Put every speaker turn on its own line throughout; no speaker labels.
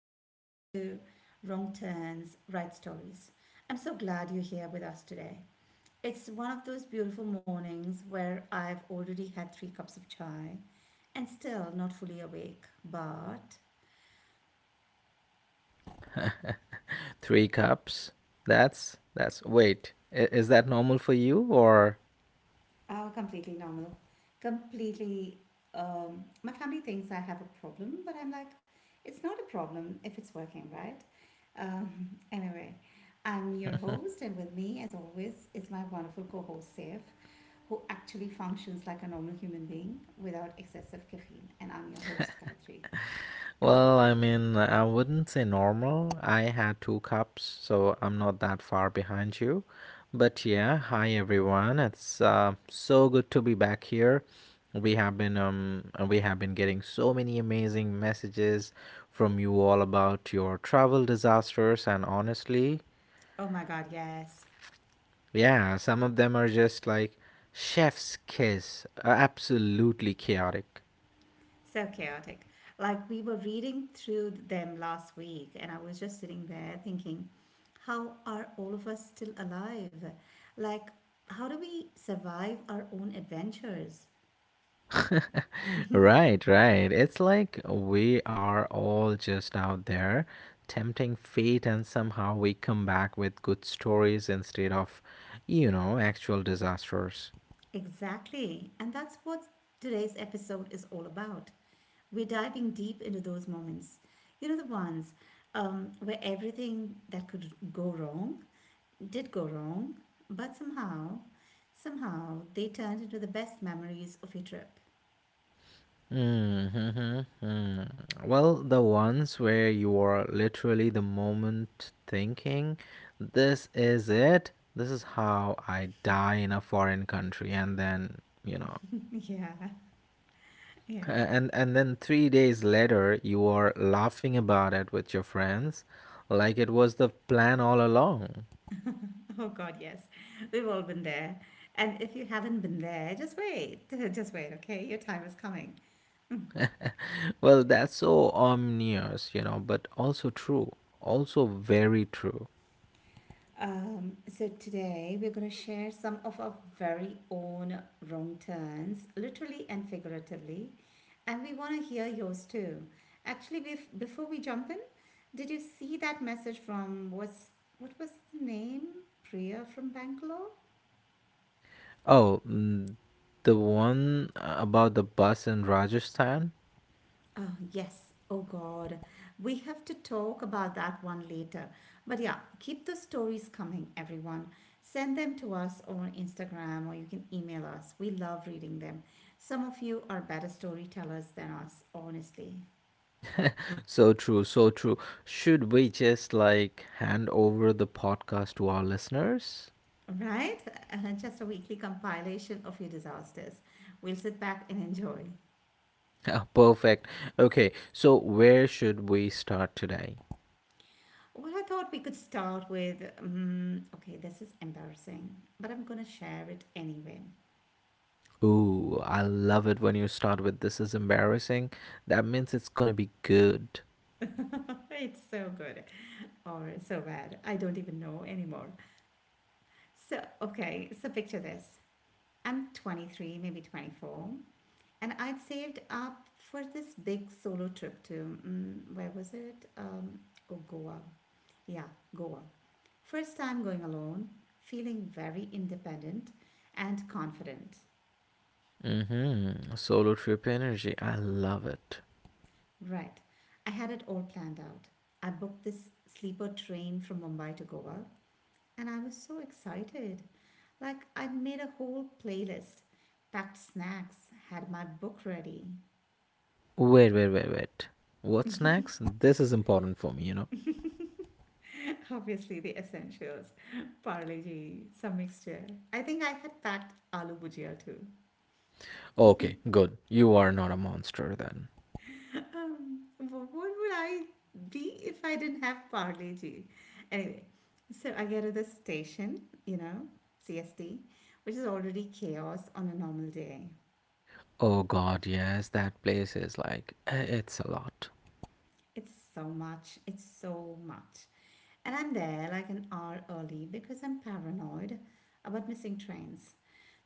welcome back to Wrong Turns, Right Stories. I'm so glad you're here with us today. It's one of those beautiful mornings where I've already had three cups of chai and still not fully awake, but
Three cups. That's wait. Is that normal for you, or?
completely normal. Completely, my family thinks I have a problem, but I'm like, it's not a problem if it's working, right? Anyway, I'm your host, and with me, as always, is my wonderful co host, Saif, who actually functions like a normal human being without excessive caffeine. And I'm your host, Gayatri.
Well, I mean, I wouldn't say normal. I had two cups, so I'm not that far behind you. But yeah, hi everyone. It's so good to be back here. We have been we have been getting so many amazing messages from you all about your travel disasters, and honestly,
Oh my God, yes.
yeah, some of them are just like chef's kiss, absolutely chaotic.
So chaotic. Like we were reading through them last week, and I was just sitting there thinking, how are all of us still alive? Like, how do we survive our own adventures?
Right, right. It's like we are all just out there tempting fate, and somehow we come back with good stories instead of, actual disasters.
Exactly. And that's what today's episode is all about. We're diving deep into those moments. You know, the ones where everything that could go wrong did go wrong, but somehow, somehow they turned into the best memories of your trip.
Mm-hmm. Mm. Well, the ones where you are literally the moment thinking, this is it, this is how I die in a foreign country, and then,
Yeah, yeah.
and then 3 days later you are laughing about it with your friends like it was the plan all along.
Oh, God, yes. We've all been there. And if you haven't been there, just wait. Just wait, okay? Your time is coming.
Well, that's so ominous, but also true, also very true.
So today we're going to share some of our very own wrong turns, literally and figuratively, and we want to hear yours too. Actually, before we jump in, did you see that message from what was the name? Priya from Bangalore.
Oh, the one about the bus in Rajasthan?
Oh, yes. Oh, God. We have to talk about that one later. But yeah, keep the stories coming, everyone. Send them to us on Instagram or you can email us. We love reading them. Some of you are better storytellers than us, honestly.
So true, so true. Should we just like hand over the podcast to our listeners?
Right? Just a weekly compilation of your disasters. We'll sit back and enjoy.
Yeah, perfect. Okay, so where should we start today?
Well, I thought we could start with okay, this is embarrassing, but I'm going to share it anyway.
Ooh, I love it when you start with this is embarrassing. That means it's gonna be good.
It's so good. Or so bad. I don't even know anymore. So, okay, so picture this. I'm 23, maybe 24, and I'd saved up for this big solo trip to, where was it? Oh, Goa. Yeah, Goa. First time going alone, feeling very independent and confident.
Mm-hmm. Solo trip energy. I love it.
Right. I had it all planned out. I booked this sleeper train from Mumbai to Goa, and I was so excited. Like, I'd made a whole playlist, packed snacks, had my book ready.
Wait, wait, wait, wait. What's next? This is important for me, you know?
Obviously, the essentials: Parle-G, some mixture. I think I had packed aloo bhujia too.
Okay, good. You are not a monster then.
Um, what would I be if I didn't have Parle-G? Anyway, so I get to the station, you know, CST, which is already chaos on a normal day.
Oh god, yes, that place is like, it's a lot.
It's so much. It's so much. And I'm there like an hour early because I'm paranoid about missing trains.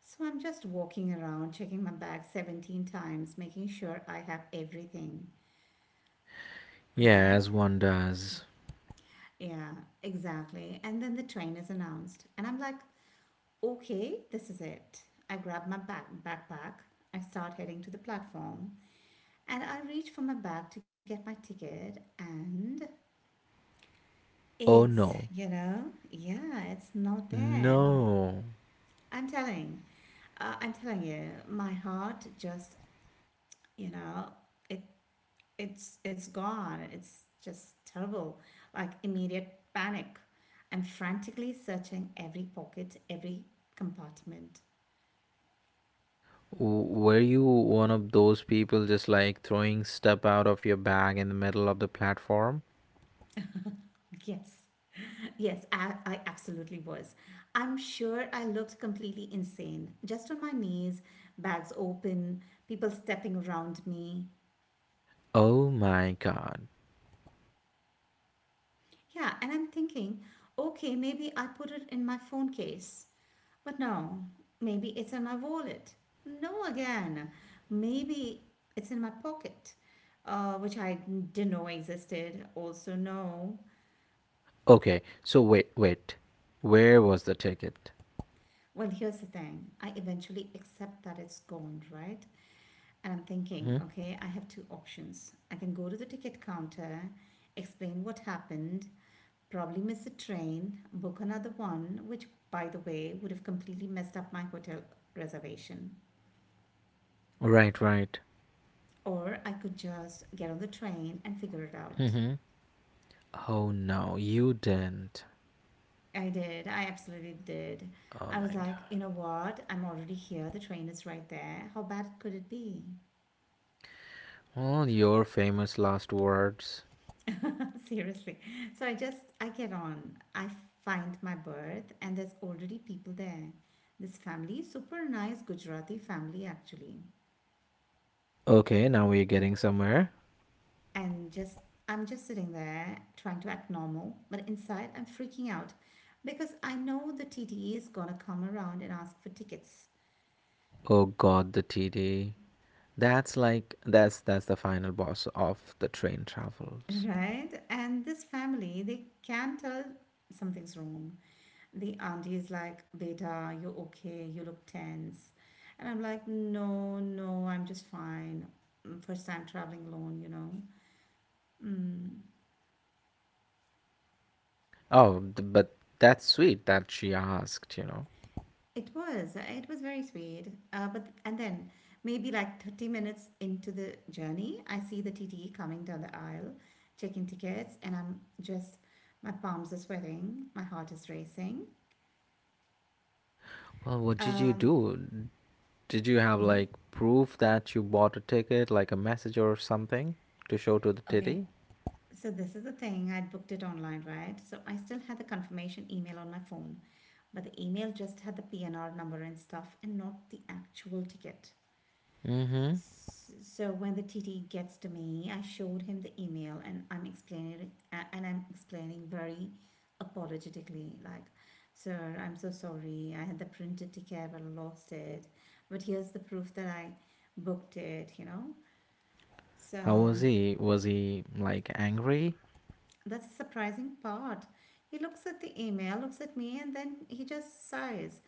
So I'm just walking around, checking my bag 17 times, making sure I have everything, right?
Yes, one does.
Yeah, exactly. And then the train is announced, and I'm like, okay, this is it. I grab my backpack, I start heading to the platform, and I reach for my bag to get my ticket, and
Oh
it's,
no.
you know, yeah, it's not there.
No.
I'm telling, I'm telling you, my heart just, you know, it it's gone. It's just terrible, like immediate panic. I'm frantically searching every pocket, every compartment.
Were you one of those people just like throwing stuff out of your bag in the middle of the platform?
Yes, yes, I absolutely was. I'm sure I looked completely insane, just on my knees, bags open, people stepping around me.
Oh my god.
Yeah, and I'm thinking, okay, maybe I'll put it in my phone case. But no, maybe it's in my wallet. No, again, maybe it's in my pocket, which I didn't know existed. Also, no.
Okay, so wait, wait. Where was the ticket?
Well, here's the thing, I eventually accept that it's gone, right? And I'm thinking,
Hmm.
okay, I have two options. I can go to the ticket counter, explain what happened, probably miss a train, book another one, which, by the way, would have completely messed up my hotel reservation.
Right, right.
Or I could just get on the train and figure it out.
Hmm. Oh no, you didn't.
I did. I absolutely did.
Oh
I
my
was like, you
god.
know what? I'm already here. The train is right there. How bad could it be?
All your famous last words.
Seriously. So I just, I get on. I find my berth, and there's already people there. This family, super nice Gujarati family, actually.
Okay, now we're getting somewhere.
And just, I'm just sitting there trying to act normal, but inside I'm freaking out because I know the TTE is gonna come around and ask for tickets,
Oh god, the TD. That's like that's the final boss of the train travels.
right? And this family, they can tell something's wrong. The auntie is like, "Beta, you're okay, you look tense." And I'm like, "No, no, I'm just fine. First time traveling alone, you know." Mm.
Oh, but that's sweet that she asked.
It was. It was very sweet. But and then maybe like 30 minutes into the journey, I see the TTE coming down the aisle, checking tickets, and I'm just, my palms are sweating, my heart is racing.
Well, what did you
Um,
do? Did you have
yeah.
like proof that you bought a ticket, like a message or something to show to the
Okay.
TD?
So this is the thing. I'd booked it online, right? So I still had the confirmation email on my phone, but the email just had the PNR number and stuff and not the actual ticket.
Mm-hmm.
So when the T T gets to me, I showed him the email and I'm explaining, very apologetically like, "Sir, I'm so sorry. I had the printed ticket but I lost it. But here's the proof that I booked it, you know?" So
How was he? Was he like angry?
that's the surprising part. He looks at the email, looks at me, and then he just sighs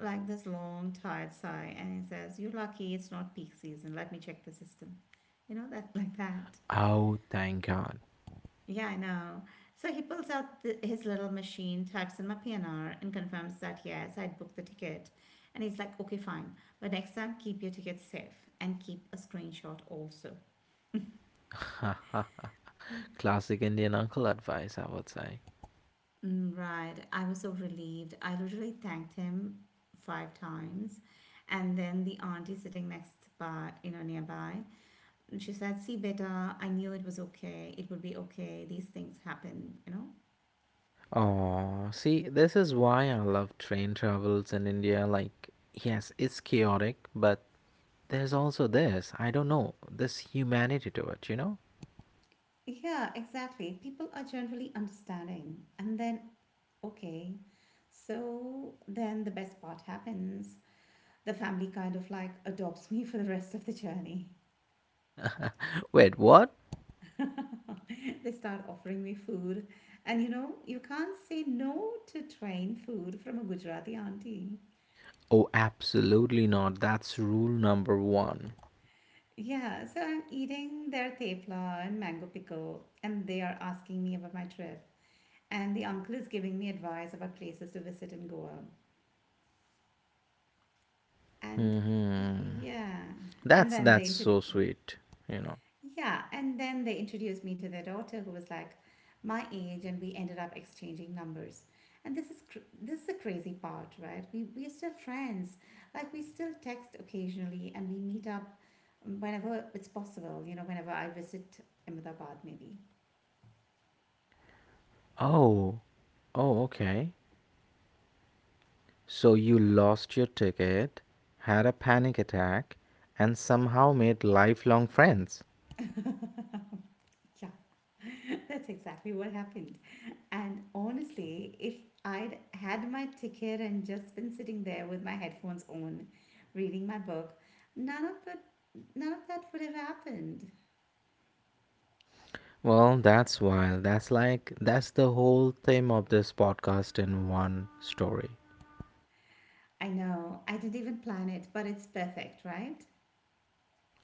like this long, tired sigh, and he says, "You're lucky it's not peak season. Let me check the system." You know that, like that.
Oh, thank God.
Yeah, I know. So he pulls out the, his little machine, types in my PNR, and confirms that yes, I'd booked the ticket. And he's like, okay, fine. But next time, keep your ticket safe and keep a screenshot also. Yeah.
Classic Indian uncle advice, I would say.
Right. I was so relieved. I literally thanked him five times. And then the auntie sitting next by, you know, nearby, she said, "See, beta, I knew it was okay. It would be okay. These things happen, you know?"
Oh, see, this is why I love train travels in India. Like, yes, it's chaotic, but there's also this, I don't know, this humanity to it, you know?
Yeah, exactly. People are generally understanding. And then, okay. So then the best part happens. The family kind of like adopts me for the rest of the journey.
Wait, what?
They start offering me food. And you know, you can't say no to train food from a Gujarati auntie.
Oh, absolutely not. That's rule number one.
Yeah, so I'm eating their tepla and mango pickle, and they are asking me about my trip. And the uncle is giving me advice about places to visit in Goa. And
hmm
yeah, and
That's
then they
that's
introduce
so sweet, you know.
yeah, and then they introduced me to their daughter who was like my age and we ended up exchanging numbers. And this is this is the crazy part, right? We're still friends. Like we still text occasionally and we meet up whenever it's possible, you know, whenever I visit Ahmedabad maybe.
Oh, oh, okay. So you lost your ticket, had a panic attack, and somehow made lifelong friends.
Yeah, that's exactly what happened. And honestly, if I'd had my ticket and just been sitting there with my headphones on, reading my book, none of it, none of that would have happened.
Well, that's wild. That's like, that's the whole theme of this podcast in one story.
I know, I didn't even plan it, but it's perfect, right?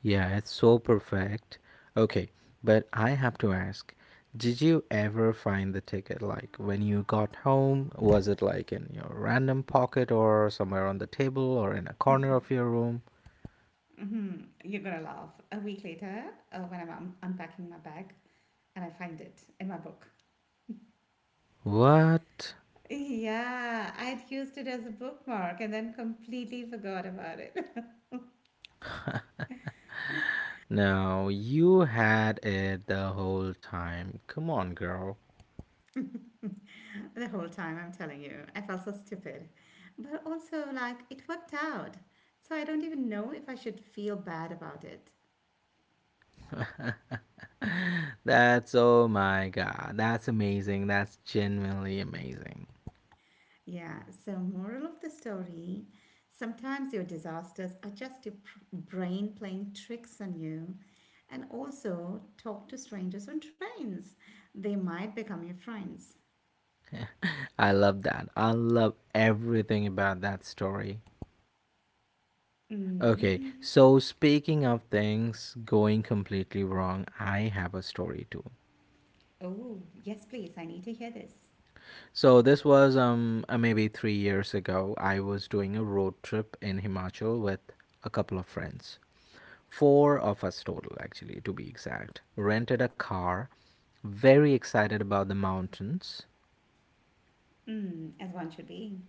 Yeah, it's so perfect. Okay, but I have to ask, did you ever find the ticket? Like, when you got home, was it like in your random pocket or somewhere on the table or in a corner of your room?
Hmm. You're gonna laugh. A week later, when I'm unpacking my bag and I find it in my book.
What?
Yeah, I'd used it as a bookmark and then completely forgot about
No, you had it the whole time. Come on, girl.
the whole time, I'm telling you. I felt so stupid. But also, like, it worked out. So I don't even know if I should feel bad about it.
That's, oh my god. That's amazing. That's genuinely amazing.
Yeah, so, moral of the story: sometimes your disasters are just your brain playing tricks on you. And also, talk to strangers on trains, they might become your friends.
I love that. I love everything about that story. Okay,
Mm.
so speaking of things going completely wrong, I have a story too.
Oh, yes, please. I need to hear this.
So this was maybe 3 years ago. I was doing a road trip in Himachal with a couple of friends. Four of us total, actually, to be exact. Rented a car, very excited about the mountains.
Mm, as one should be.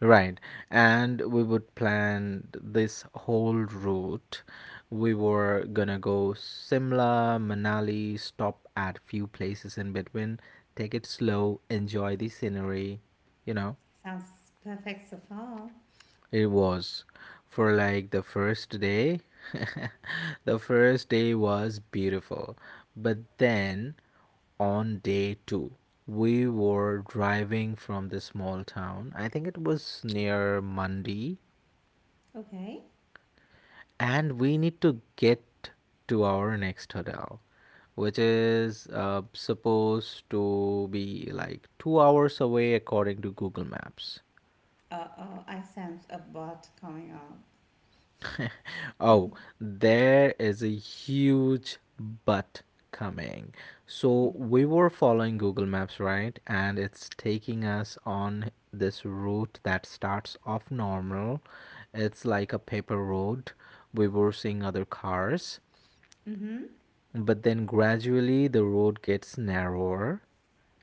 Right. And we would plan this whole route. We were gonna go Simla, Manali, stop at few places in between, take it slow, enjoy the scenery. You know,
Sounds perfect so far.
it was for like the first day. The first day was beautiful. But then on day two, we were driving from the small town. I think it was near Mandi.
Okay.
And we need to get to our next hotel, which is supposed to be like 2 hours away according to Google Maps.
Uh oh, I sense a bot coming up.
Oh, there is a huge but coming. So we were following Google Maps, right? And it's taking us on this route that starts off normal. It's like a paper road. We were seeing other cars.
Mm hmm.
But then gradually the road gets narrower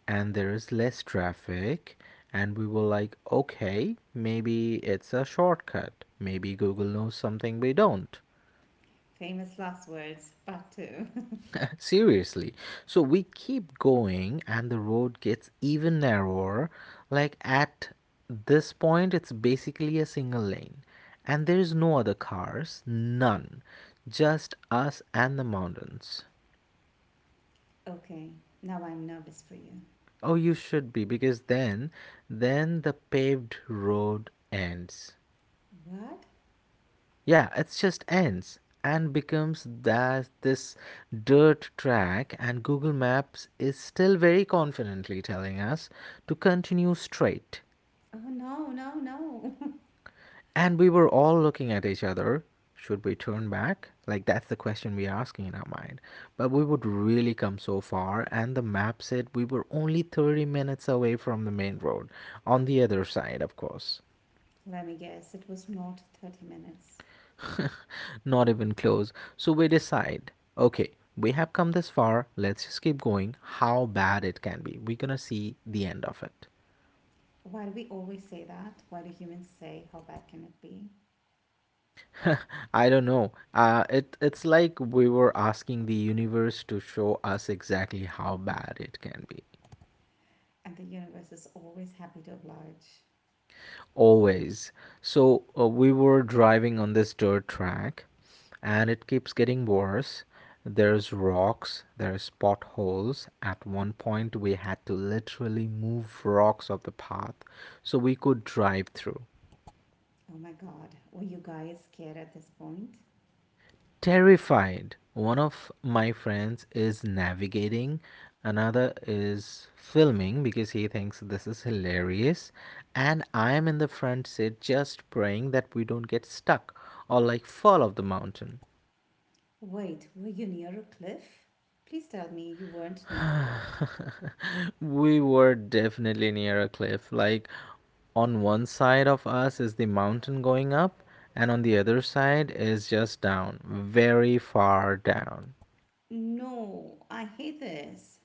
and there is less traffic. And we were like, okay, maybe it's a shortcut. Maybe Google knows something we don't.
Famous last words, part two.
Seriously. So we keep going and the road gets even narrower. Like at this point, it's basically a single lane. And there is no other cars, none. Just us and the mountains.
Okay, now I'm nervous for you.
Oh, you should be because then the paved road ends.
What?
Yeah, it just ends and becomes that this dirt track, and Google Maps is still very confidently telling us to continue straight.
Oh no, no, no.
And we were all looking at each other. Should we turn back? Like that's the question we're asking in our mind. But we would really come so far, and the map said we were only 30 minutes away from the main road on the other side, of course.
Let me guess, it was not 30 minutes.
Not even close. So we decide, okay, we have come this far, let's just keep going. How bad it can be. We're gonna see the end of it.
Why do we always say that? Why do humans say, how bad can it be?
I don't know. It's like we were asking the universe to show us exactly how bad it can be.
And the universe is always happy to oblige.
Always. So we were driving on this dirt track, and it keeps getting worse. There's rocks, there's potholes. At one point, we had to literally move rocks off the path so we could drive through.
Oh my god, were you guys scared at this point?
Terrified. One of my friends is navigating, another is filming because he thinks this is hilarious. And I am in the front seat just praying that we don't get stuck or like fall off the mountain.
Wait, were you near a cliff? Please tell me you weren't near a cliff.
We were definitely near a cliff. Like, on one side of us is the mountain going up, and on the other side is just down, very far down.
No, I hate this.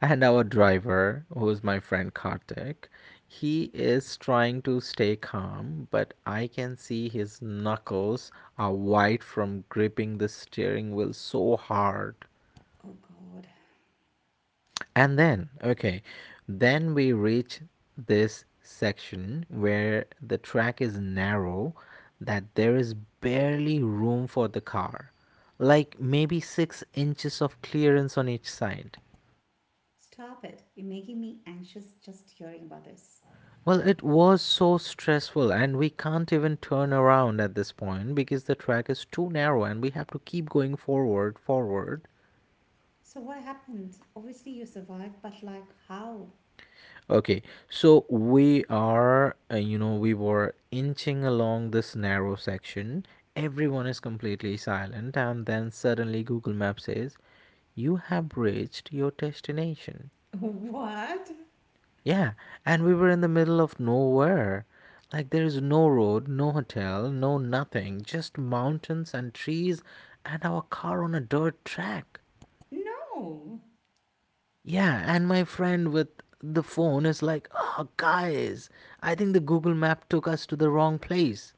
And our driver, who's my friend Kartik, he is trying to stay calm, but I can see his knuckles are white from gripping the steering wheel so hard.
Oh God.
And then, okay, then we reach this section where the track is narrow that there is barely room for the car, like maybe 6 inches of clearance on each side.
Stop it. You're making me anxious just hearing about this.
Well, it was so stressful, and we can't even turn around at this point because the track is too narrow, and we have to keep going forward, forward.
So what happened? Obviously you survived, but like how?
Okay, so we are, you know, we were inching along this narrow section. Everyone is completely silent, and then suddenly Google Maps says, "You have reached your destination."
What?
Yeah, and we were in the middle of nowhere. Like there is no road, no hotel, no nothing, just mountains and trees and our car on a dirt track.
No.
Yeah, and my friend with the phone is like, "Oh, guys, I think the Google map took us to the wrong place."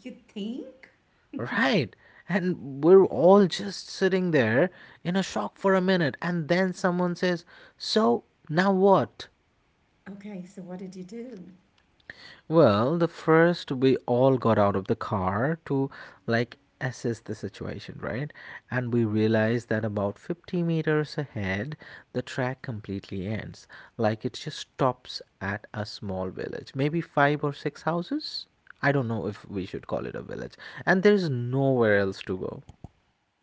You think?
Right. And we're all just sitting there in a shock for a minute, and then someone says, "So, now what?"
Okay, so what did you do?
Well, the first we all got out of the car to like assess the situation, right? And we realized that about 50 meters ahead, the track completely ends. Like it just stops at a small village, maybe five or six houses. I don't know if we should call it a village. And there's nowhere else to go.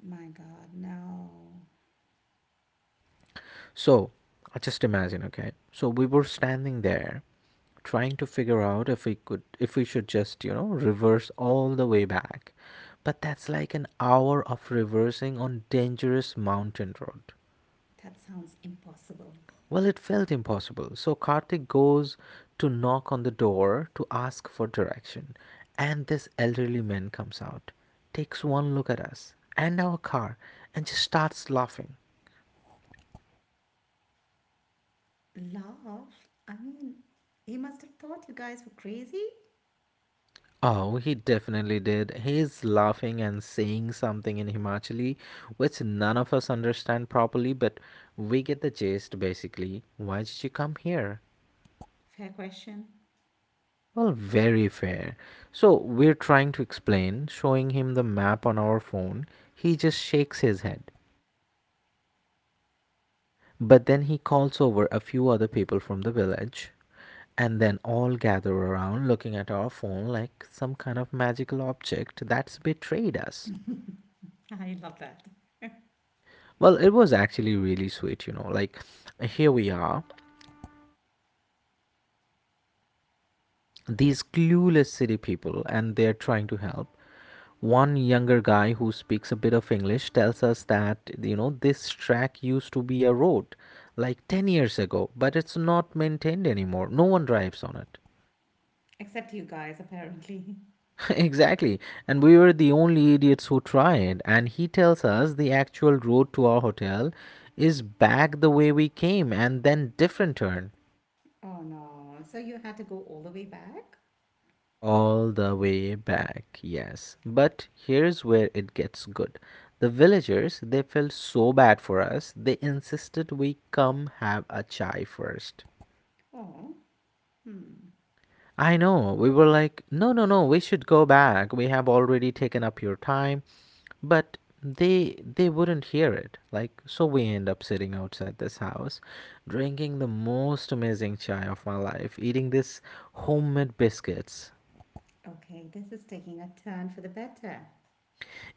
My God, no.
So, just imagine, okay? So we were standing there trying to figure out if we should just reverse all the way back, but that's like an hour of reversing on dangerous mountain road.
That sounds impossible.
Well, it felt impossible, so Karthik goes to knock on the door to ask for direction, and this elderly man comes out, takes one look at us and our car, and just starts laughing.
Laugh? I mean, he must have thought you guys were crazy?
Oh, he definitely did. He's laughing and saying something in Himachali, which none of us understand properly, but we get the gist basically. Why did you come here?
Fair question.
Well, very fair. So we're trying to explain, showing him the map on our phone. He just shakes his head. But then he calls over a few other people from the village, and then all gather around looking at our phone like some kind of magical object that's betrayed us.
I love that.
Well, it was actually really sweet. Like, here we are, these clueless city people, and they're trying to help. One younger guy who speaks a bit of English tells us that, this track used to be a road like 10 years ago, but it's not maintained anymore. No one drives on it.
Except you guys, apparently.
Exactly. And we were the only idiots who tried. And he tells us the actual road to our hotel is back the way we came and then different turn.
Oh no. So you had to go all the way back?
All the way back, yes. But here's where it gets good. The villagers, they felt so bad for us, they insisted we come have a chai first.
Oh. Hmm.
I know, we were like, no, no, no, we should go back. We have already taken up your time. But they wouldn't hear it, like, so we end up sitting outside this house drinking the most amazing chai of my life, eating this homemade biscuits.
Okay, this is taking a turn for the better.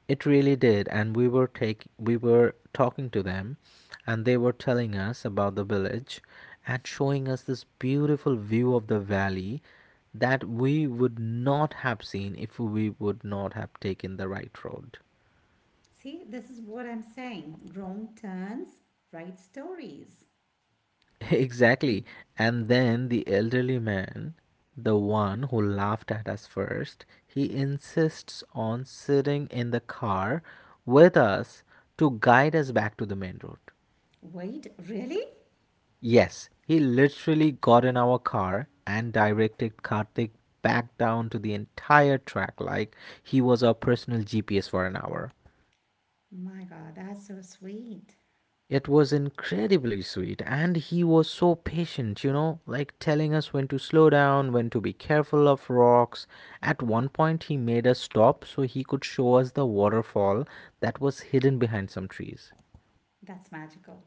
It really did, and we were talking to them, and they were telling us about the village and showing us this beautiful view of the valley that we would not have seen if we would not have taken the right road.
See, this is what I'm saying. Wrong turns, right stories.
Exactly. And then the elderly man, the one who laughed at us first, he insists on sitting in the car with us to guide us back to the main road.
Wait, really?
Yes, he literally got in our car and directed Karthik back down to the entire track like he was our personal GPS for an hour.
My God, that's so sweet.
It was incredibly sweet, and he was so patient, you know, like telling us when to slow down, when to be careful of rocks. At one point, he made us stop so he could show us the waterfall that was hidden behind some trees.
That's magical.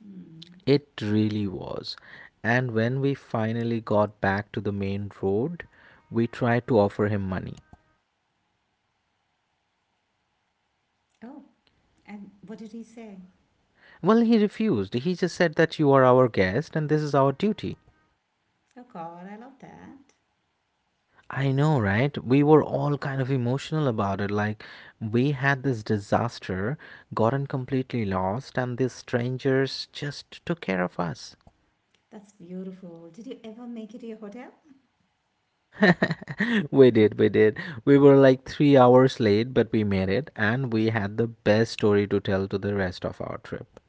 Hmm.
It really was. And when we finally got back to the main road, we tried to offer him money.
Oh, and what did he say?
Well, he refused. He just said that you are our guest and this is our duty.
Oh, God, I love that.
I know, right? We were all kind of emotional about it. Like, we had this disaster, gotten completely lost, and these strangers just took care of us.
That's beautiful. Did you ever make it to your hotel?
We did,
Mm.
we did. We were like 3 hours late, but we made it, and we had the best story to tell to the rest of our trip.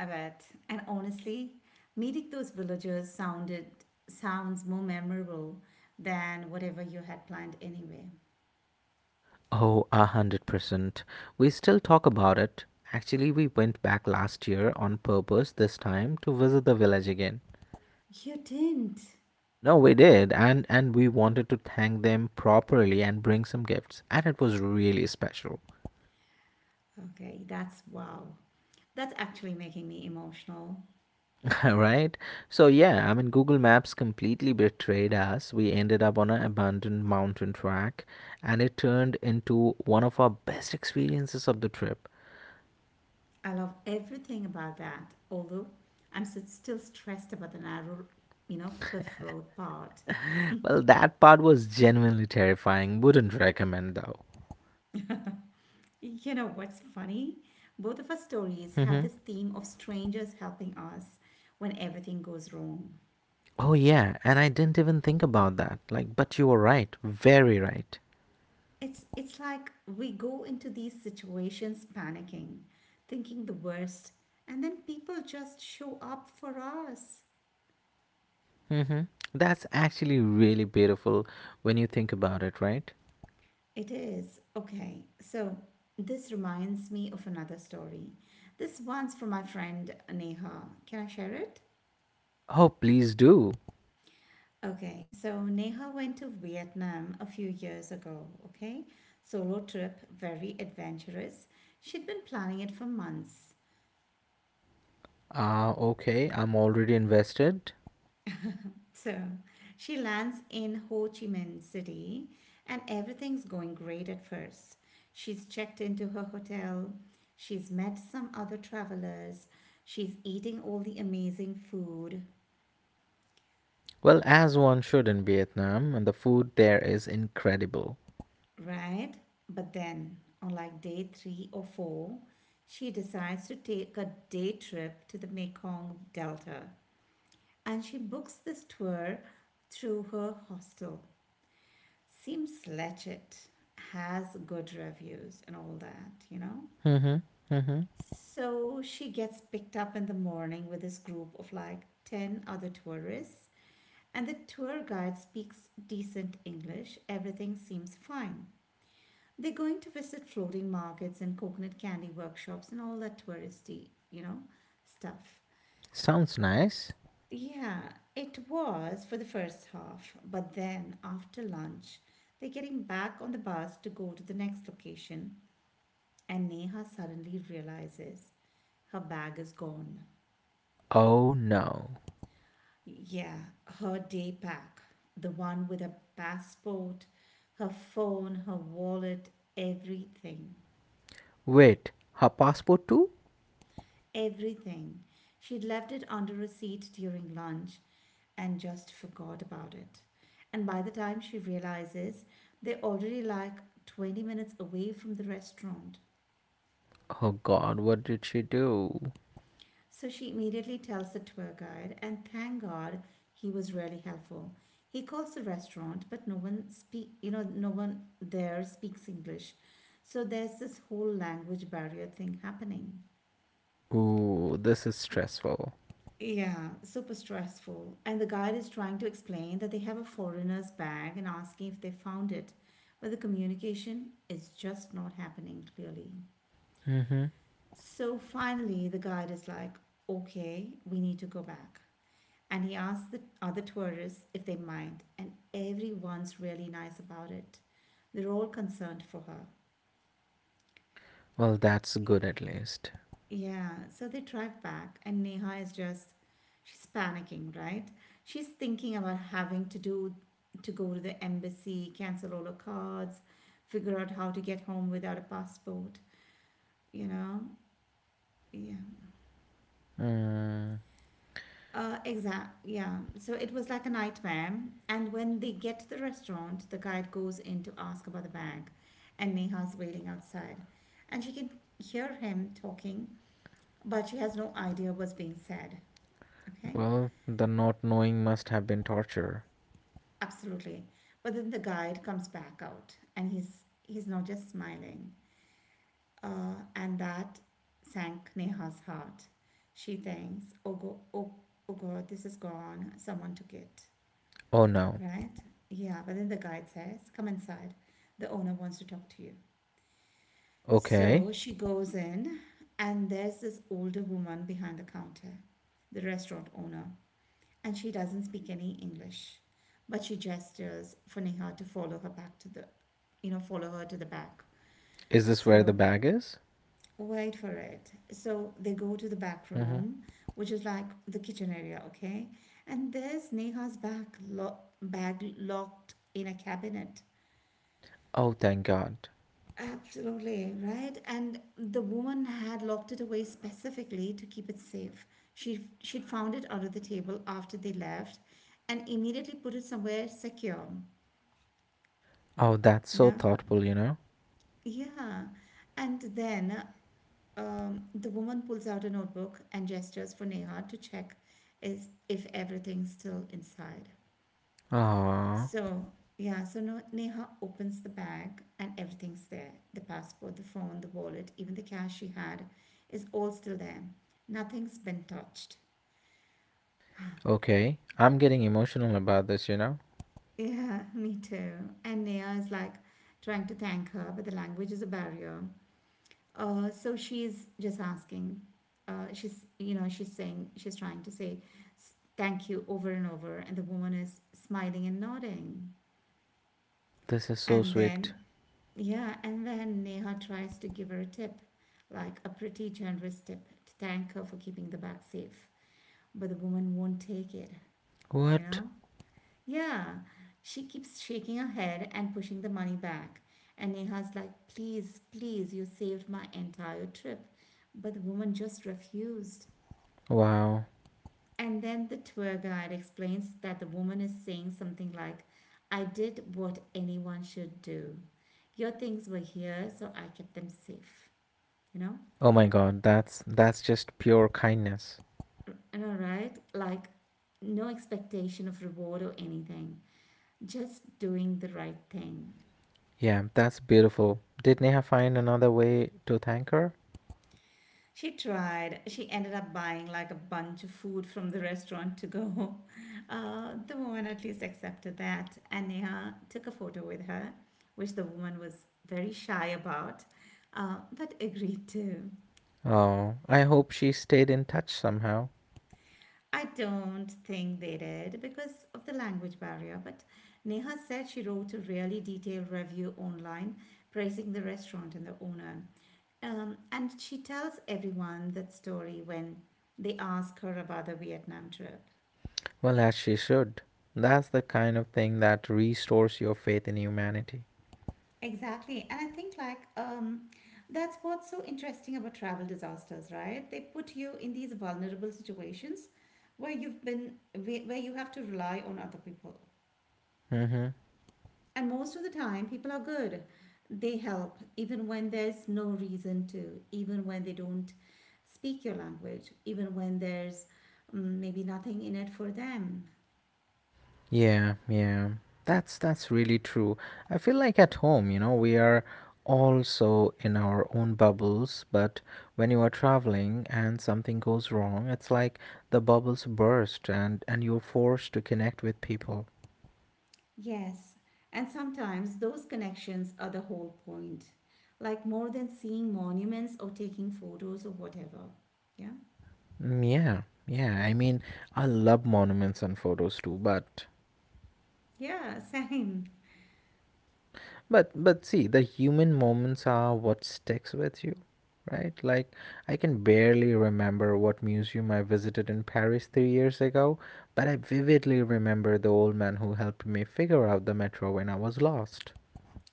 I bet. And honestly, meeting those villagers sounded sounds more memorable than whatever you had planned anyway.
Oh, 100%. We still talk about it. Actually, we went back last year on purpose, this time to visit the village again.
You didn't.
No, we did, and we wanted to thank them properly and bring some gifts, and it was really special.
Okay, that's wow. That's actually making me emotional.
Right? So yeah, I mean, Google Maps completely betrayed us. We ended up on an abandoned mountain track, and it turned into one of our best experiences of the trip.
I love everything about that, although I'm still stressed about the narrow, Cliff Road part.
Well, that part was genuinely terrifying. Wouldn't recommend though.
You know what's funny? Both of our stories have this theme of strangers helping us when everything goes wrong.
Oh yeah, and I didn't even think about that. Like, but you were right, very right.
It's like we go into these situations panicking, thinking the worst, and then people just show up for us.
Mm-hmm. that's actually really beautiful when you think about it, right?
It is. Okay. So this reminds me of another story. This one's from my friend Neha. Can I share it?
Oh, please do.
Okay. So Neha went to Vietnam a few years ago. Okay. Solo trip, very adventurous. She'd been planning it for months.
Ah, okay, I'm already invested.
So she lands in Ho Chi Minh City, and everything's going great at first. She's checked into her hotel, she's met some other travelers, she's eating all the amazing food,
Well, as one should in Vietnam, and the food there is incredible.
right? But then, on like day three or four, she decides to take a day trip to the Mekong Delta, and she books this tour through her hostel. Seems legit, has good reviews and all that, you know?
Mm-hmm. Mm-hmm.
So she gets picked up in the morning with this group of like 10 other tourists, and the tour guide speaks decent English. Everything seems fine. They're going to visit floating markets and coconut candy workshops and all that touristy, stuff.
Sounds nice.
Yeah, it was for the first half, but then after lunch, they're getting back on the bus to go to the next location, and Neha suddenly realizes her bag is gone.
Oh no.
Yeah, her day pack, the one with her passport, her phone, her wallet, everything.
Wait, her passport too?
Everything. She'd left it under a seat during lunch and just forgot about it. And by the time she realizes, they're already like 20 minutes away from the restaurant.
Oh god, what did she do?
So she immediately tells the tour guide, and thank God he was really helpful. He calls the restaurant, but no one speak, you know, no one there speaks English. So there's this whole language barrier thing happening.
Ooh, this is stressful.
Yeah, super stressful. And the guide is trying to explain that they have a foreigner's bag and asking if they found it. But the communication is just not happening clearly. So finally, the guide is like, okay, we need to go back. And he asked the other tourists if they mind, and everyone's really nice about it. They're all concerned for her.
Well, that's good at least.
Yeah, so they drive back, and Neha is just, she's panicking, right? She's thinking about to go to the embassy, cancel all her cards, figure out how to get home without a passport, you know? Yeah. Exact. Yeah. So it was like a nightmare. And when they get to the restaurant, the guide goes in to ask about the bag, and Neha's waiting outside, and she can hear him talking, but she has no idea what's being said. Okay.
Well, the not knowing must have been torture.
Absolutely. But then the guide comes back out, and he's not just smiling. And that sank Neha's heart. She thinks, Oh God, this is gone. Someone took it."
Oh no.
Right? Yeah, but then the guide says, "Come inside. The owner wants to talk to you."
Okay.
So she goes in, and there's this older woman behind the counter, the restaurant owner, and she doesn't speak any English, but she gestures for Neha to follow her back to the, you know, follow her to the back.
Is this where the
So
bag is?
wait for it. So they go to the back
Mm-hmm.
room, which is like the kitchen area, okay? And there's Neha's bag locked in a cabinet.
Oh, thank God.
Absolutely, right? And the woman had locked it away specifically to keep it safe. She'd found it under the table after they left and immediately put it somewhere secure,
Oh, that's
you
so
know?
thoughtful, you know?
Yeah. And then the woman pulls out a notebook and gestures for Neha to check is if everything's still inside.
Ah,
So, yeah, so no, Neha opens the bag, and everything's there. The passport, the phone, the wallet, even the cash she had is all still there. Nothing's been touched.
okay. I'm getting emotional about this, you know?
Yeah, me too. And Neha is like trying to thank her, but the language is a barrier. So she's just asking. She's, you know, she's saying, she's trying to say thank you over and over, and the woman is smiling and nodding.
This is so
And
sweet.
then Yeah, and then Neha tries to give her a tip, like a pretty generous tip, to thank her for keeping the bag safe. But the woman won't take it, you
What?
know? Yeah, she keeps shaking her head and pushing the money back. And Neha's like, please, please, you saved my entire trip. But the woman just refused.
Wow.
And then the tour guide explains that the woman is saying something like, I did what anyone should do. Your things were here, so I kept them safe. You know,
Oh my God, that's just pure kindness.
and all right, like no expectation of reward or anything, just doing the right thing.
Yeah, that's beautiful. Did Neha find another way to thank her?
She ended up buying like a bunch of food from the restaurant to go. The woman at least accepted that, and Neha took a photo with her, which the woman was very shy about, but agreed to.
Oh, I hope she stayed in touch somehow.
I don't think they did because of the language barrier, but Neha said she wrote a really detailed review online praising the restaurant and the owner. And she tells everyone that story when they ask her about the Vietnam trip.
Well, as she should. That's the kind of thing that restores your faith in humanity.
Exactly. And I think, like, that's what's so interesting about travel disasters, right? They put you in these vulnerable situations where you've been, where you have to rely on other people.
Mm-hmm.
And most of the time, people are good. They help, even when there's no reason to, even when they don't speak your language, even when there's maybe nothing in it for them.
Yeah, yeah. That's really true. I feel like at home, you know, we are also in our own bubbles, but when you are traveling and something goes wrong, it's like the bubbles burst, and you're forced to connect with people.
Yes. And sometimes those connections are the whole point, like more than seeing monuments or taking photos or whatever. Yeah.
Mm, yeah. Yeah, I mean, I love monuments and photos too, but
Yeah, same.
But but see, the human moments are what sticks with you, right? Like, I can barely remember what museum I visited in Paris 3 years ago, but I vividly remember the old man who helped me figure out the metro when I was lost.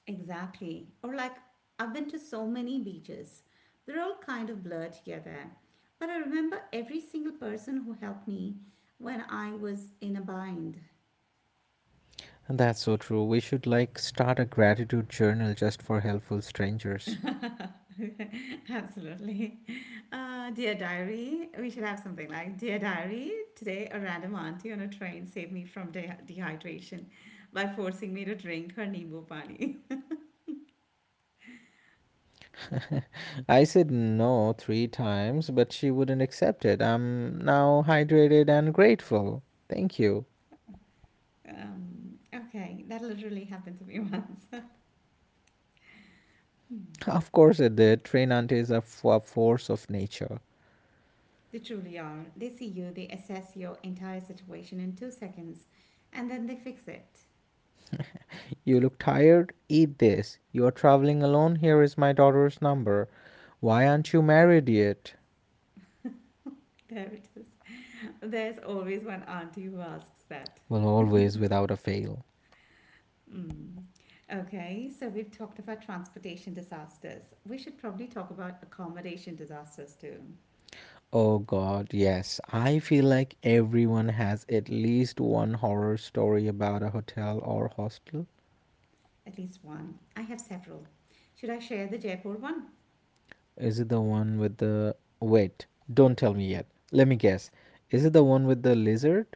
Exactly. Or like I've been to so many beaches. They're all kind of blurred together. But I remember every single person who helped me when I was in a bind.
And that's so true. We should like start a gratitude journal just for helpful strangers.
Absolutely. Dear diary, we should have something like Dear diary, today a random auntie on a train saved me from dehydration by forcing me to drink her Nimbu Pani.
I said no 3 times, but she wouldn't accept it. I'm now hydrated and grateful. Thank you.
Okay, that literally happened to me once.
Of
Hmm.
course it did. Train aunties are f- a force of nature.
They truly are. They see you, they assess your entire situation in 2 seconds, and then they fix it.
You look tired? Eat this. You are traveling alone? Here is my daughter's number. Why aren't you married yet?
There it is. There's always one auntie who asks that.
Well, always without a fail.
Mm. Okay, so we've talked about transportation disasters. We should probably talk about accommodation disasters too.
Oh god, yes. I feel like everyone has at least one horror story about a hotel or hostel.
At least one. I have several. Should I share the Jaipur one?
Is it the one with the. Wait, don't tell me yet. Let me guess. Is it the one with the lizard?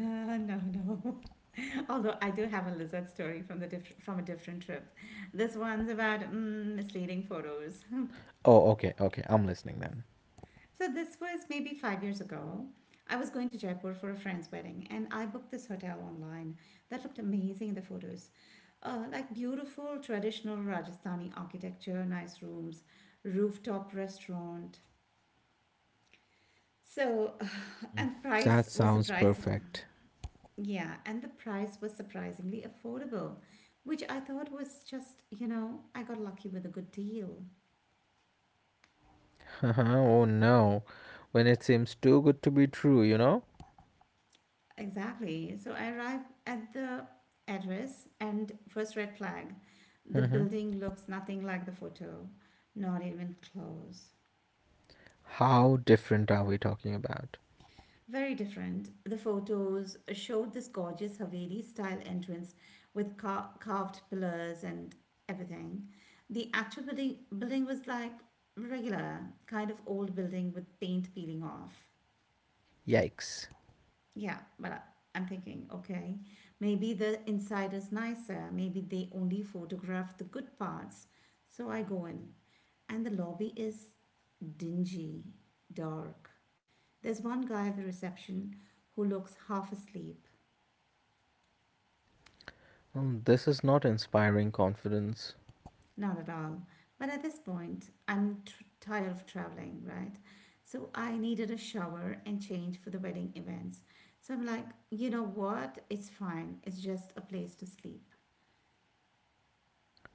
No, no. Although I do have a lizard story from from a different trip. This one's about misleading photos.
Oh, okay, okay. I'm listening then.
So this was maybe 5 years ago. I was going to Jaipur for a friend's wedding, and I booked this hotel online that looked amazing in the photos, like beautiful traditional Rajasthani architecture, nice rooms, rooftop restaurant. So and the
That
price was
sounds
surprising.
perfect.
Yeah, and the price was surprisingly affordable, which I thought was just I got lucky with a good deal.
Oh no, when it seems too good to be true, you know?
Exactly. So I arrive at the address, and first red flag. The
Hmm.
building looks nothing like the photo, not even close.
How different are we talking about?
Very different. The photos showed this gorgeous Haveli style entrance with carved pillars and everything. The actual building was like regular, kind of old building with paint peeling off.
Yikes.
Yeah, but I'm thinking, okay, maybe the inside is nicer. Maybe they only photograph the good parts. So I go in, and the lobby is dingy, dark. There's one guy at the reception who looks half asleep.
Well, this is not inspiring confidence.
Not at all. But at this point, I'm tired of traveling, right? So I needed a shower and change for the wedding events. So I'm like, you know what? It's fine. It's just a place to sleep.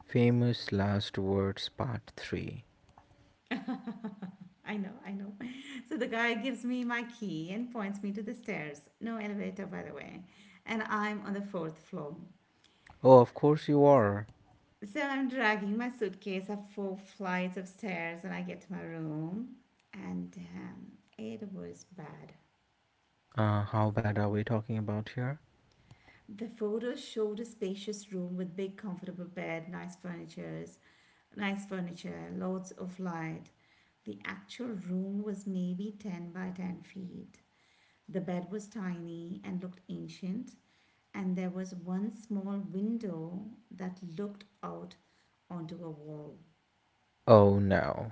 Famous last words, part 3.
I know, I know. So the guy gives me my key and points me to the stairs. No elevator, by the way. And I'm on the fourth floor.
Oh, of course you are.
So I'm dragging my suitcase up four flights of stairs, and I get to my room. And damn, it was bad.
How bad are we talking about here?
The photos showed a spacious room with big comfortable bed, nice furniture, lots of light. The actual room was maybe 10 by 10 feet. The bed was tiny and looked ancient, and there was one small window that looked out onto a wall.
Oh no.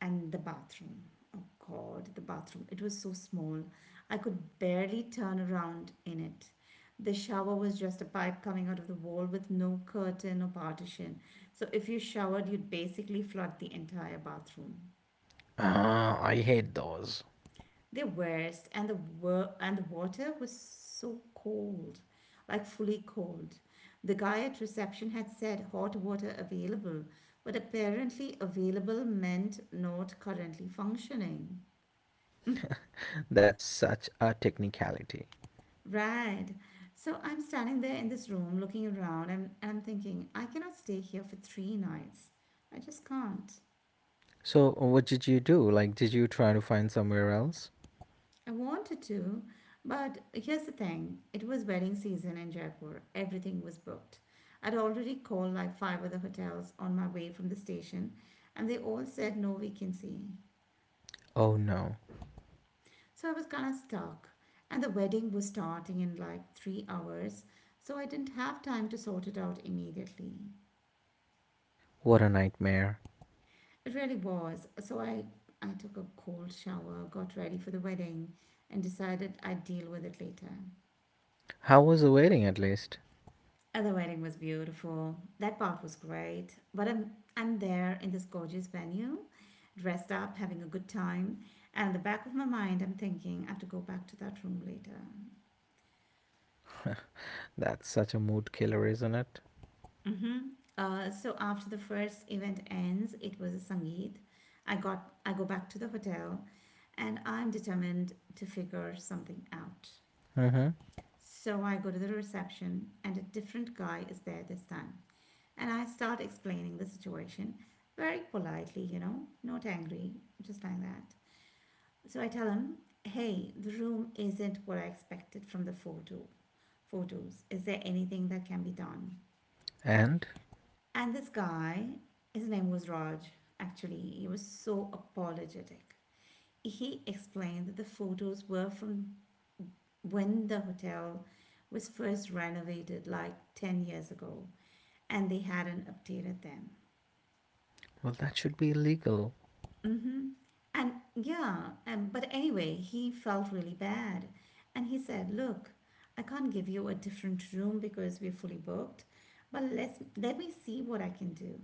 And the bathroom. Oh God, the bathroom. It was so small. I could barely turn around in it. The shower was just a pipe coming out of the wall with no curtain or partition. So if you showered, you'd basically flood the entire bathroom.
Ah, I hate those.
The worst. And the water was so cold, like fully cold. The guy at reception had said hot water available, but apparently available meant not currently functioning.
That's such a technicality.
Right. So I'm standing there in this room looking around, and I'm thinking I cannot stay here for 3 nights. I just can't.
So, what did you do? Like, did you try to find somewhere else?
I wanted to, but here's the thing, it was wedding season in Jaipur. Everything was booked. I'd already called like five other hotels on my way from the station, and they all said no vacancy.
Oh no.
So I was kind of stuck, and the wedding was starting in like 3 hours, so I didn't have time to sort it out immediately.
What a nightmare.
It really was. So I took a cold shower, got ready for the wedding, and decided I'd deal with it later.
How was the wedding at least?
And the wedding was beautiful. That part was great. But I'm there in this gorgeous venue, dressed up, having a good time. And in the back of my mind, I'm thinking I have to go back to that room later.
That's such a mood killer, isn't it?
Mm-hmm. So after the first event ends, it was a sangeet. I go back to the hotel, and I'm determined to figure something out.
Hmm.
So I go to the reception, and a different guy is there this time. And I start explaining the situation very politely, not angry, just like that. So I tell him, hey, the room isn't what I expected from the photos. Is there anything that can be done?
And?
And this guy, his name was Raj, actually, he was so apologetic. He explained that the photos were from when the hotel was first renovated like 10 years ago, and they hadn't updated them.
Well, that should be illegal.
Mm-hmm. And yeah, but anyway, he felt really bad. And he said, look, I can't give you a different room because we're fully booked, but let me see what I can do.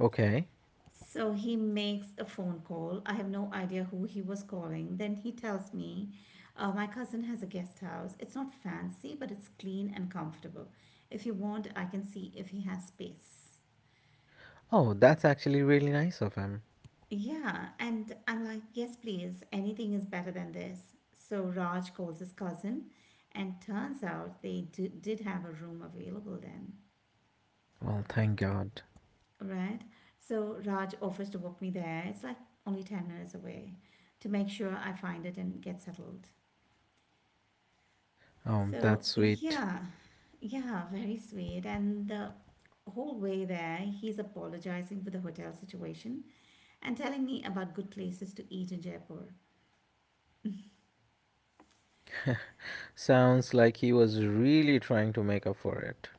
Okay.
So he makes a phone call. I have no idea who he was calling. Then he tells me, my cousin has a guest house. It's not fancy, but it's clean and comfortable. If you want, I can see if he has space.
Oh, that's actually really nice of him.
Yeah, and I'm like, yes, please, anything is better than this. So Raj calls his cousin, and turns out they did have a room available then,
Well, thank God.
right? So Raj offers to walk me there. It's like only 10 minutes away, to make sure I find it and get settled.
Oh,
So,
that's sweet.
yeah, yeah, very sweet. And the whole way there, he's apologizing for the hotel situation and telling me about good places to eat in Jaipur.
Sounds like he was really trying to make up for it.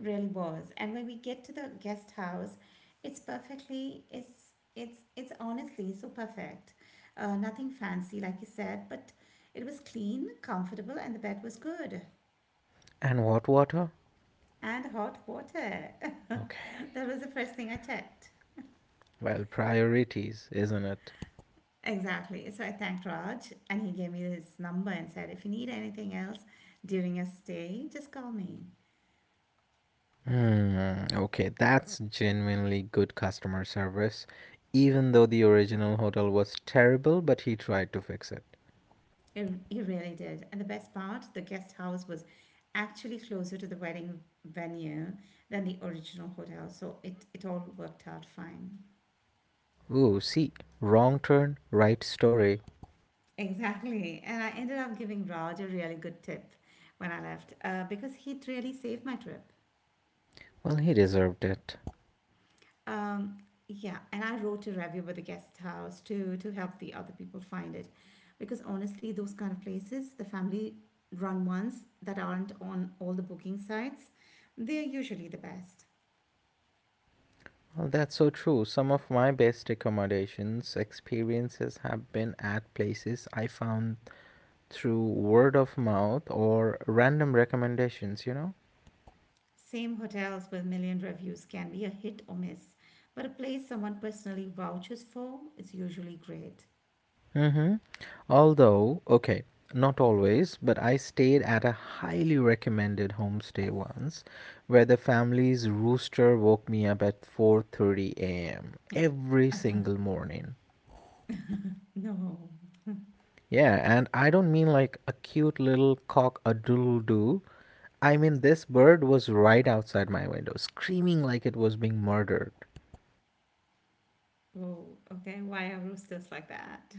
Really was. And when we get to the guest house, it's it's honestly so perfect. Nothing fancy, like you said, but it was clean, comfortable, and the bed was good.
And what water?
And hot water. That was
Okay.
the first thing I checked.
Well, priorities, isn't it?
Exactly. So I thanked Raj, and he gave me his number and said, if you need anything else during your stay, just call me.
Hmm. Okay, that's genuinely good customer service. Even though the original hotel was terrible, but he tried to fix it.
He really did. And the best part, the guest house was actually closer to the wedding venue than the original hotel, so it all worked out fine.
Ooh, see, wrong turn, right story.
Exactly. And I ended up giving Raj a really good tip when I left, because he'd really saved my trip.
Well, he deserved it.
Um, yeah, and I wrote a review with the guest house to help the other people find it, because honestly, those kind of places, the family run ones that aren't on all the booking sites, they're usually the best.
Well, that's so true. Some of my best accommodations experiences have been at places I found through word of mouth or random recommendations, you know?
Same. Hotels with million reviews can be a hit or miss, but a place someone personally vouches for is usually great.
Mm-hmm. Although, okay, not always, but I stayed at a highly recommended homestay once where the family's rooster woke me up at 4:30 a.m. every single morning.
No.
Yeah, and I don't mean like a cute little cock a doodle doo. I mean, this bird was right outside my window, screaming like it was being murdered.
Whoa. Okay. Why are roosters like that?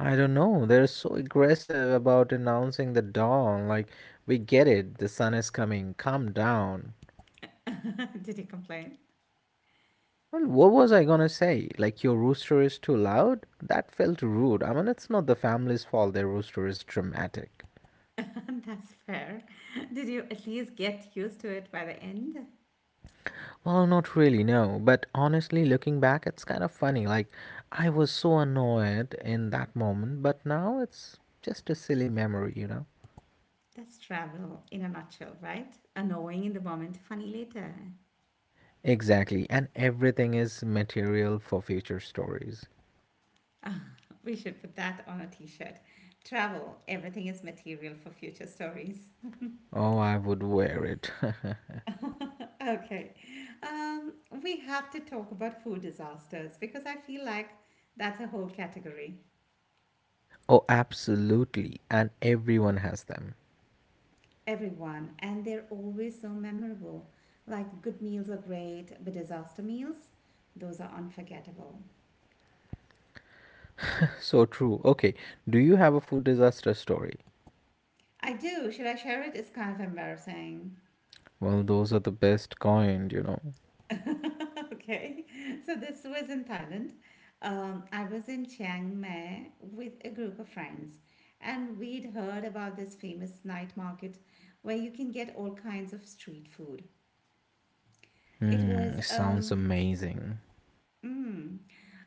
I don't know, they're so aggressive about announcing the dawn. Like, we get it, the sun is coming, calm down.
Did you complain?
Well, what was I gonna say? Like, your rooster is too loud? That felt rude. I mean, it's not the family's fault their rooster is dramatic.
That's fair. Did you at least get used to it by the end?
Well, not really, no. But honestly, looking back, it's kind of funny. Like, I was so annoyed in that moment, but now it's just a silly memory, you know?
That's travel in a nutshell, right? Annoying in the moment, funny later.
Exactly. And everything is material for future stories.
We should put that on a t shirt. Travel. Everything is material for future stories.
Oh, I would wear it.
Okay. Um, we have to talk about food disasters because I feel like that's a whole category.
Oh, absolutely. And everyone has them.
Everyone, and they're always so memorable. Like good meals are great, but disaster meals, those are unforgettable.
So true. Okay. Do you have a food disaster story?
I do. Should I share it? It's kind of embarrassing.
Well, those are the best kind, you know?
Okay. So this was in Thailand. I was in Chiang Mai with a group of friends, and we'd heard about this famous night market where you can get all kinds of street food. It
Hmm.
was
Sounds amazing.
mm,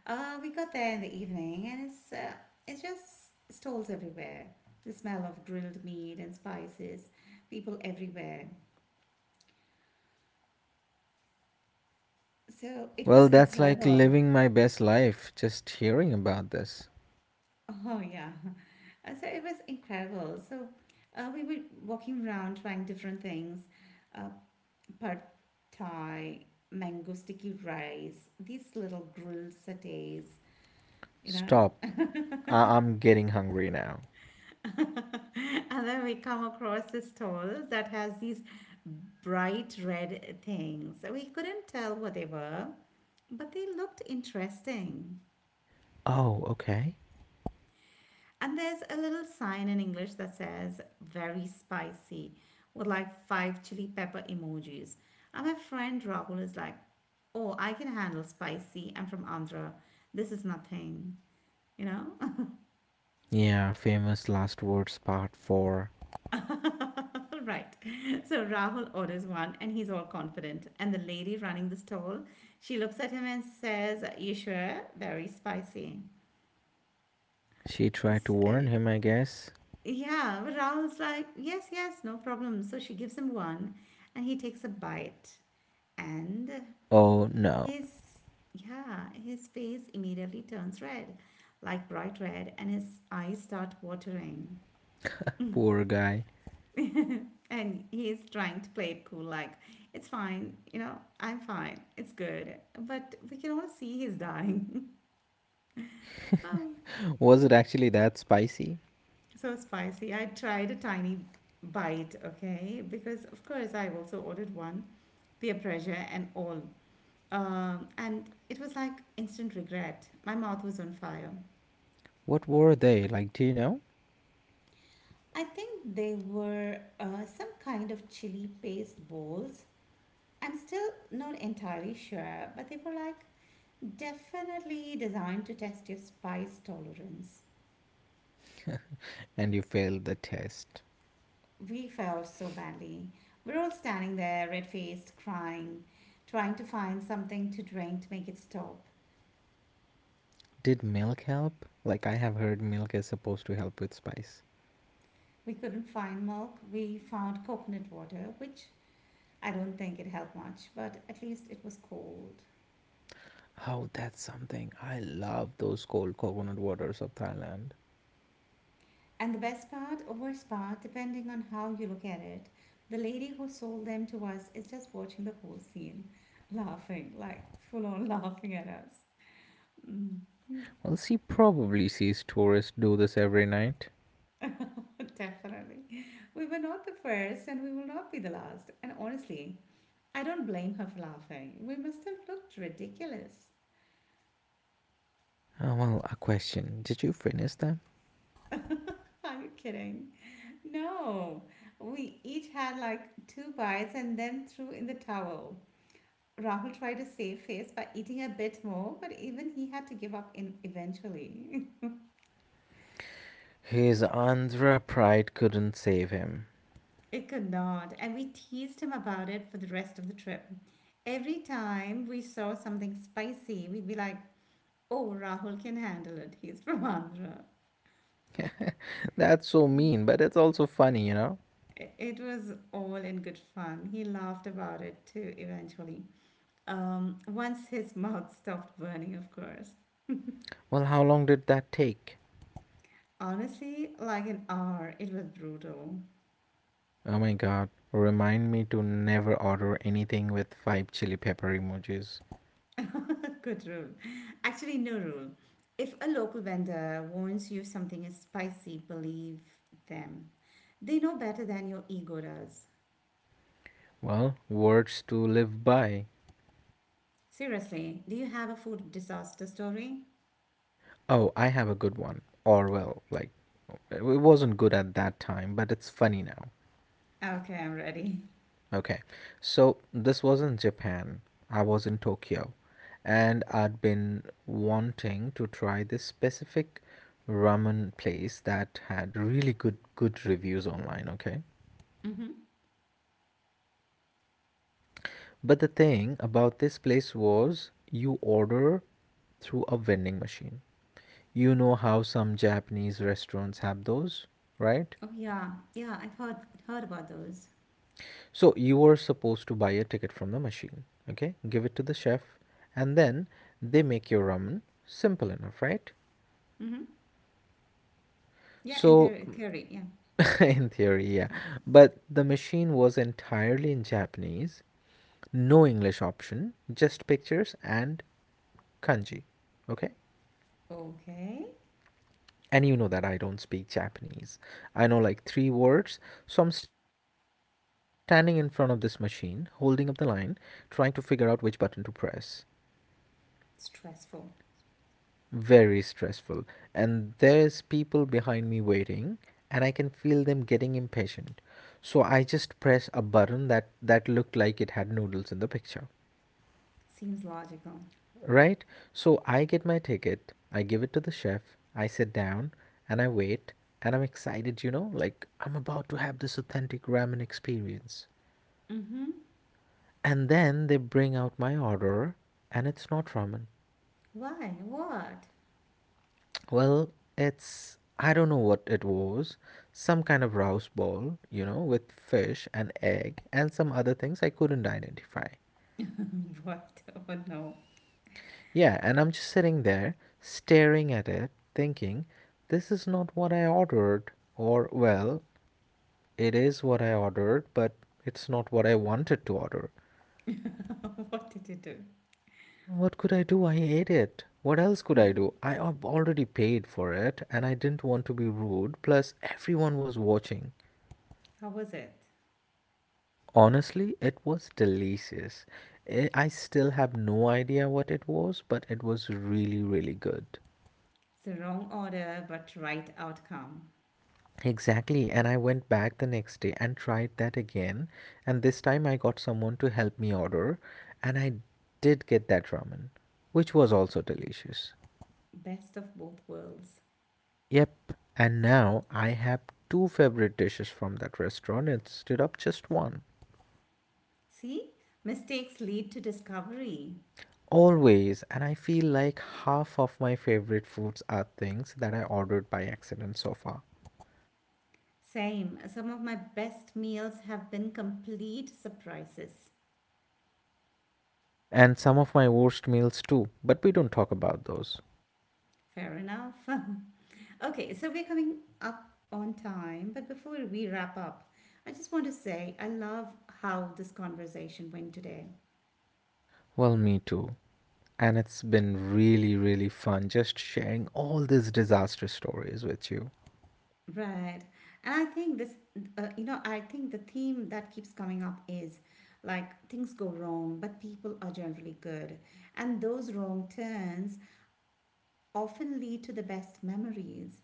we got there in the evening, and it's just stalls everywhere. The smell of grilled meat and spices, people everywhere. So it was
Well, that's like
incredible.
living my best life just hearing about this.
Oh yeah. So it was incredible. So we were walking around trying different things. Uh, Pad Thai, mango sticky rice, these little grilled satays, you know.
Stop. I- I'm getting hungry now.
And then we come across this stall that has these bright red things. We couldn't tell what they were, but they looked interesting.
Oh, okay.
And there's a little sign in English that says very spicy with like five chili pepper emojis. And my friend Rahul is like, oh, I can handle spicy. I'm from Andhra. This is nothing, you know?
Yeah, famous last words part 4.
Right. So Rahul orders one and he's all confident. And the lady running the stall, she looks at him and says, you sure? Very spicy.
She tried to
S-
warn
uh,
him, I guess.
yeah, but Rahul's like, yes, yes, no problem. So she gives him one and he takes a bite. And
Oh no,
his, yeah, his face immediately turns red, like bright red, and his eyes start watering.
poor guy.
And he's trying to play it cool, like, it's fine, you know, I'm fine, it's good. But we can all see he's dying. Oh,
Was it actually that spicy?
so spicy. I tried a tiny bite, okay, because of course I also ordered one, peer pressure and all. And it was like instant regret. My mouth was on fire.
What were they? Like, do you know?
I think they were some kind of chili paste balls. I'm still not entirely sure, but they were like definitely designed to test your spice tolerance.
And you failed the test.
We felt so badly. We're all standing there, red faced, crying, trying to find something to drink to make it stop.
Did milk help? Like, I have heard milk is supposed to help with spice.
We couldn't find milk. We found coconut water, which I don't think it helped much, but at least it was cold.
Oh, that's something. I love those cold coconut waters of Thailand.
And the best part or worst part, depending on how you look at it, the lady who sold them to us is just watching the whole scene, laughing, like full on laughing at us. Mm.
Well, she probably sees tourists do this every night.
Definitely. We were not the first and we will not be the last. And honestly, I don't blame her for laughing. We must have looked ridiculous.
Well, a question. Did you finish them?
Are you kidding? No. We each had like two bites and then threw in the towel. Rahul tried to save face by eating a bit more, but even he had to give up in eventually.
His Andhra pride couldn't save him.
It could not, and we teased him about it for the rest of the trip. Every time we saw something spicy, we'd be like, oh, Rahul can handle it. He's from Andhra.
That's so mean, but it's also funny, you know?
It was all in good fun. He laughed about it too eventually. Once his mouth stopped burning, of course.
Well, how long did that take?
Honestly, like an hour, it was brutal.
Oh my god, remind me to never order anything with five chili pepper emojis.
Good rule. Actually, no rule. If a local vendor warns you something is spicy, believe them. They know better than your ego does.
Well, words to live by.
Seriously, do you have a food disaster story?
Oh, I have a good one. Or, well, like, it wasn't good at that time, but it's funny now.
Okay, I'm ready.
Okay, so this was in Japan. I was in Tokyo, and I'd been wanting to try this specific ramen place that had really good reviews online, okay?
Mm-hmm.
But the thing about this place was you order through a vending machine. You know how some Japanese restaurants have those, right?
Oh yeah, yeah. I've heard about those.
So you were supposed to buy a ticket from the machine, okay, give it to the chef, and then they make your ramen. Simple enough, right?
Mm-hmm. Yeah, in
So,
their theory. Yeah.
in theory, yeah.
Mm.
But the machine was entirely in Japanese, no English option, just pictures and kanji. Okay?
Okay.
And you know that I don't speak Japanese. I know like three words, so I'm standing in front of this machine, holding up the line, trying to figure out which button to press.
Stressful.
Very stressful. And there's people behind me waiting and I can feel them getting impatient. So I just press a button that looked like it had noodles in the picture.
Seems logical.
Right? So I get my ticket, I give it to the chef, I sit down and I wait, and I'm excited, you know, like I'm about to have this authentic ramen experience.
Mm-hmm.
And then they bring out my order and it's not ramen.
Why? What?
Well, it's, I don't know what it was. Some kind of rouse ball, you know, with fish and egg and some other things I couldn't identify.
What? Oh no.
Yeah, and I'm just sitting there staring at it, thinking, this is not what I ordered. Or, well, it is what I ordered, but it's not what I wanted to order.
What did you do?
What could I do? I ate it. What else could I do? I have already paid for it and I didn't want to be rude. Plus, everyone was watching.
How was it?
Honestly, it was delicious. I still have no idea what it was, but it was really, really good.
It's the wrong order but right outcome.
Exactly, and I went back the next day and tried that again. And this time I got someone to help me order, and I did get that ramen, which was also delicious.
Best of both worlds.
Yep, and now I have two favorite dishes from that restaurant instead of just one.
See? Mistakes lead to discovery.
Always, and I feel like half of my favorite foods are things that I ordered by accident so far.
Same. Some of my best meals have been complete surprises.
And some of my worst meals too, but we don't talk about those.
Fair enough. Okay, so we're coming up on time, but before we wrap up, I just want to say I love how this conversation went today.
Well, me too. And it's been really, really fun just sharing all these disaster stories with you.
Right. And I think I think the theme that keeps coming up is like things go wrong, but people are generally good. And those wrong turns often lead to the best memories.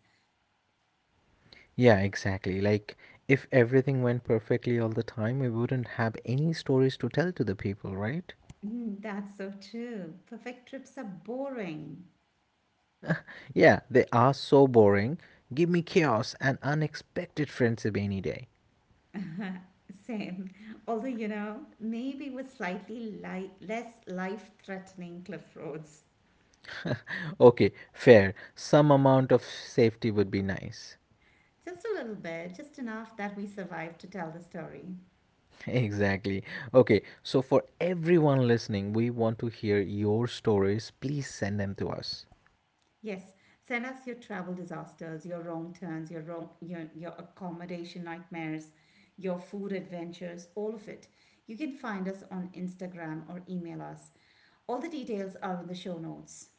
Yeah, exactly. Like, if everything went perfectly all the time, we wouldn't have any stories to tell to the people, right?
Mm, that's so true. Perfect trips are boring.
Yeah, they are so boring. Give me chaos and unexpected friendship any day.
Same. Although, you know, maybe with less life threatening cliff roads.
Okay, fair. Some amount of safety would be nice.
Just a little bit, just enough that we survive to tell the story.
Exactly. Okay, so for everyone listening, we want to hear your stories. Please send them to us.
Yes, send us your travel disasters, your wrong turns, your accommodation nightmares, your food adventures, all of it. You can find us on Instagram or email us. All the details are in the show notes.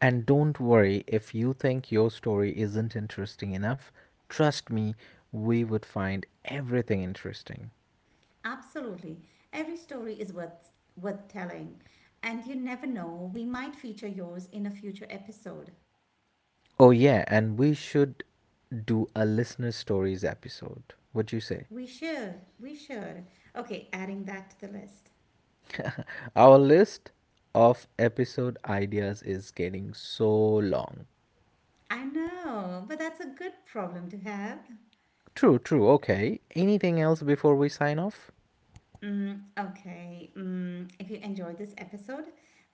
And don't worry if you think your story isn't interesting enough. Trust me, we would find everything interesting.
Absolutely. Every story is worth telling. And you never know, we might feature yours in a future episode.
Oh, yeah, and we should do a listener stories episode. What you say?
We should. We should. Okay, adding that to the list.
Our list of episode ideas is getting so long.
I know, but that's a good problem to have.
True, true. Okay. Anything else before we sign off?
Mm, okay. Mm, if you enjoyed this episode,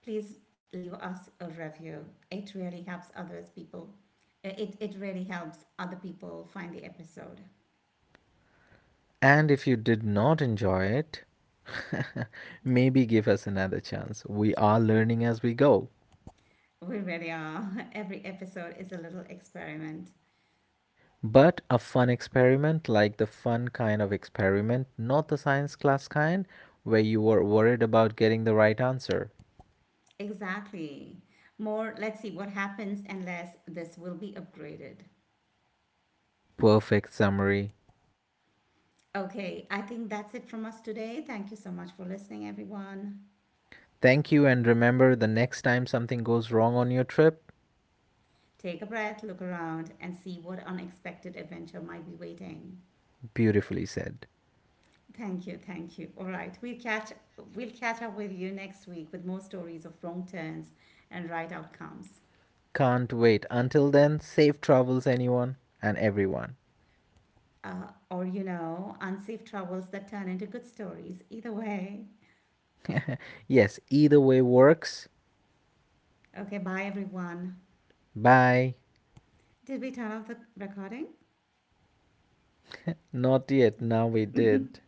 please leave us a review. It really helps others people. It really helps other people find the episode.
And if you did not enjoy it, maybe give us another chance. We are learning as we go.
We really are. Every episode is a little experiment.
But a fun experiment, like the fun kind of experiment, not the science class kind, where you were worried about getting the right answer.
Exactly. More, let's see what happens unless this will be upgraded.
Perfect summary.
Okay, I think that's it from us today. Thank you so much for listening, everyone.
Thank you, and remember, the next time something goes wrong on your trip,
Take a breath, look around, and see what unexpected adventure might be waiting.
beautifully said.
Thank you, thank you. All right, we'll catch up with you next week with more stories of wrong turns and right outcomes,
Can't wait. Until then, safe travels, anyone and everyone.
or you know, unsafe travels that turn into good stories. Either way.
Yes, either way works.
Okay, bye everyone.
Bye.
Did we turn off the recording?
Not yet. Now we did.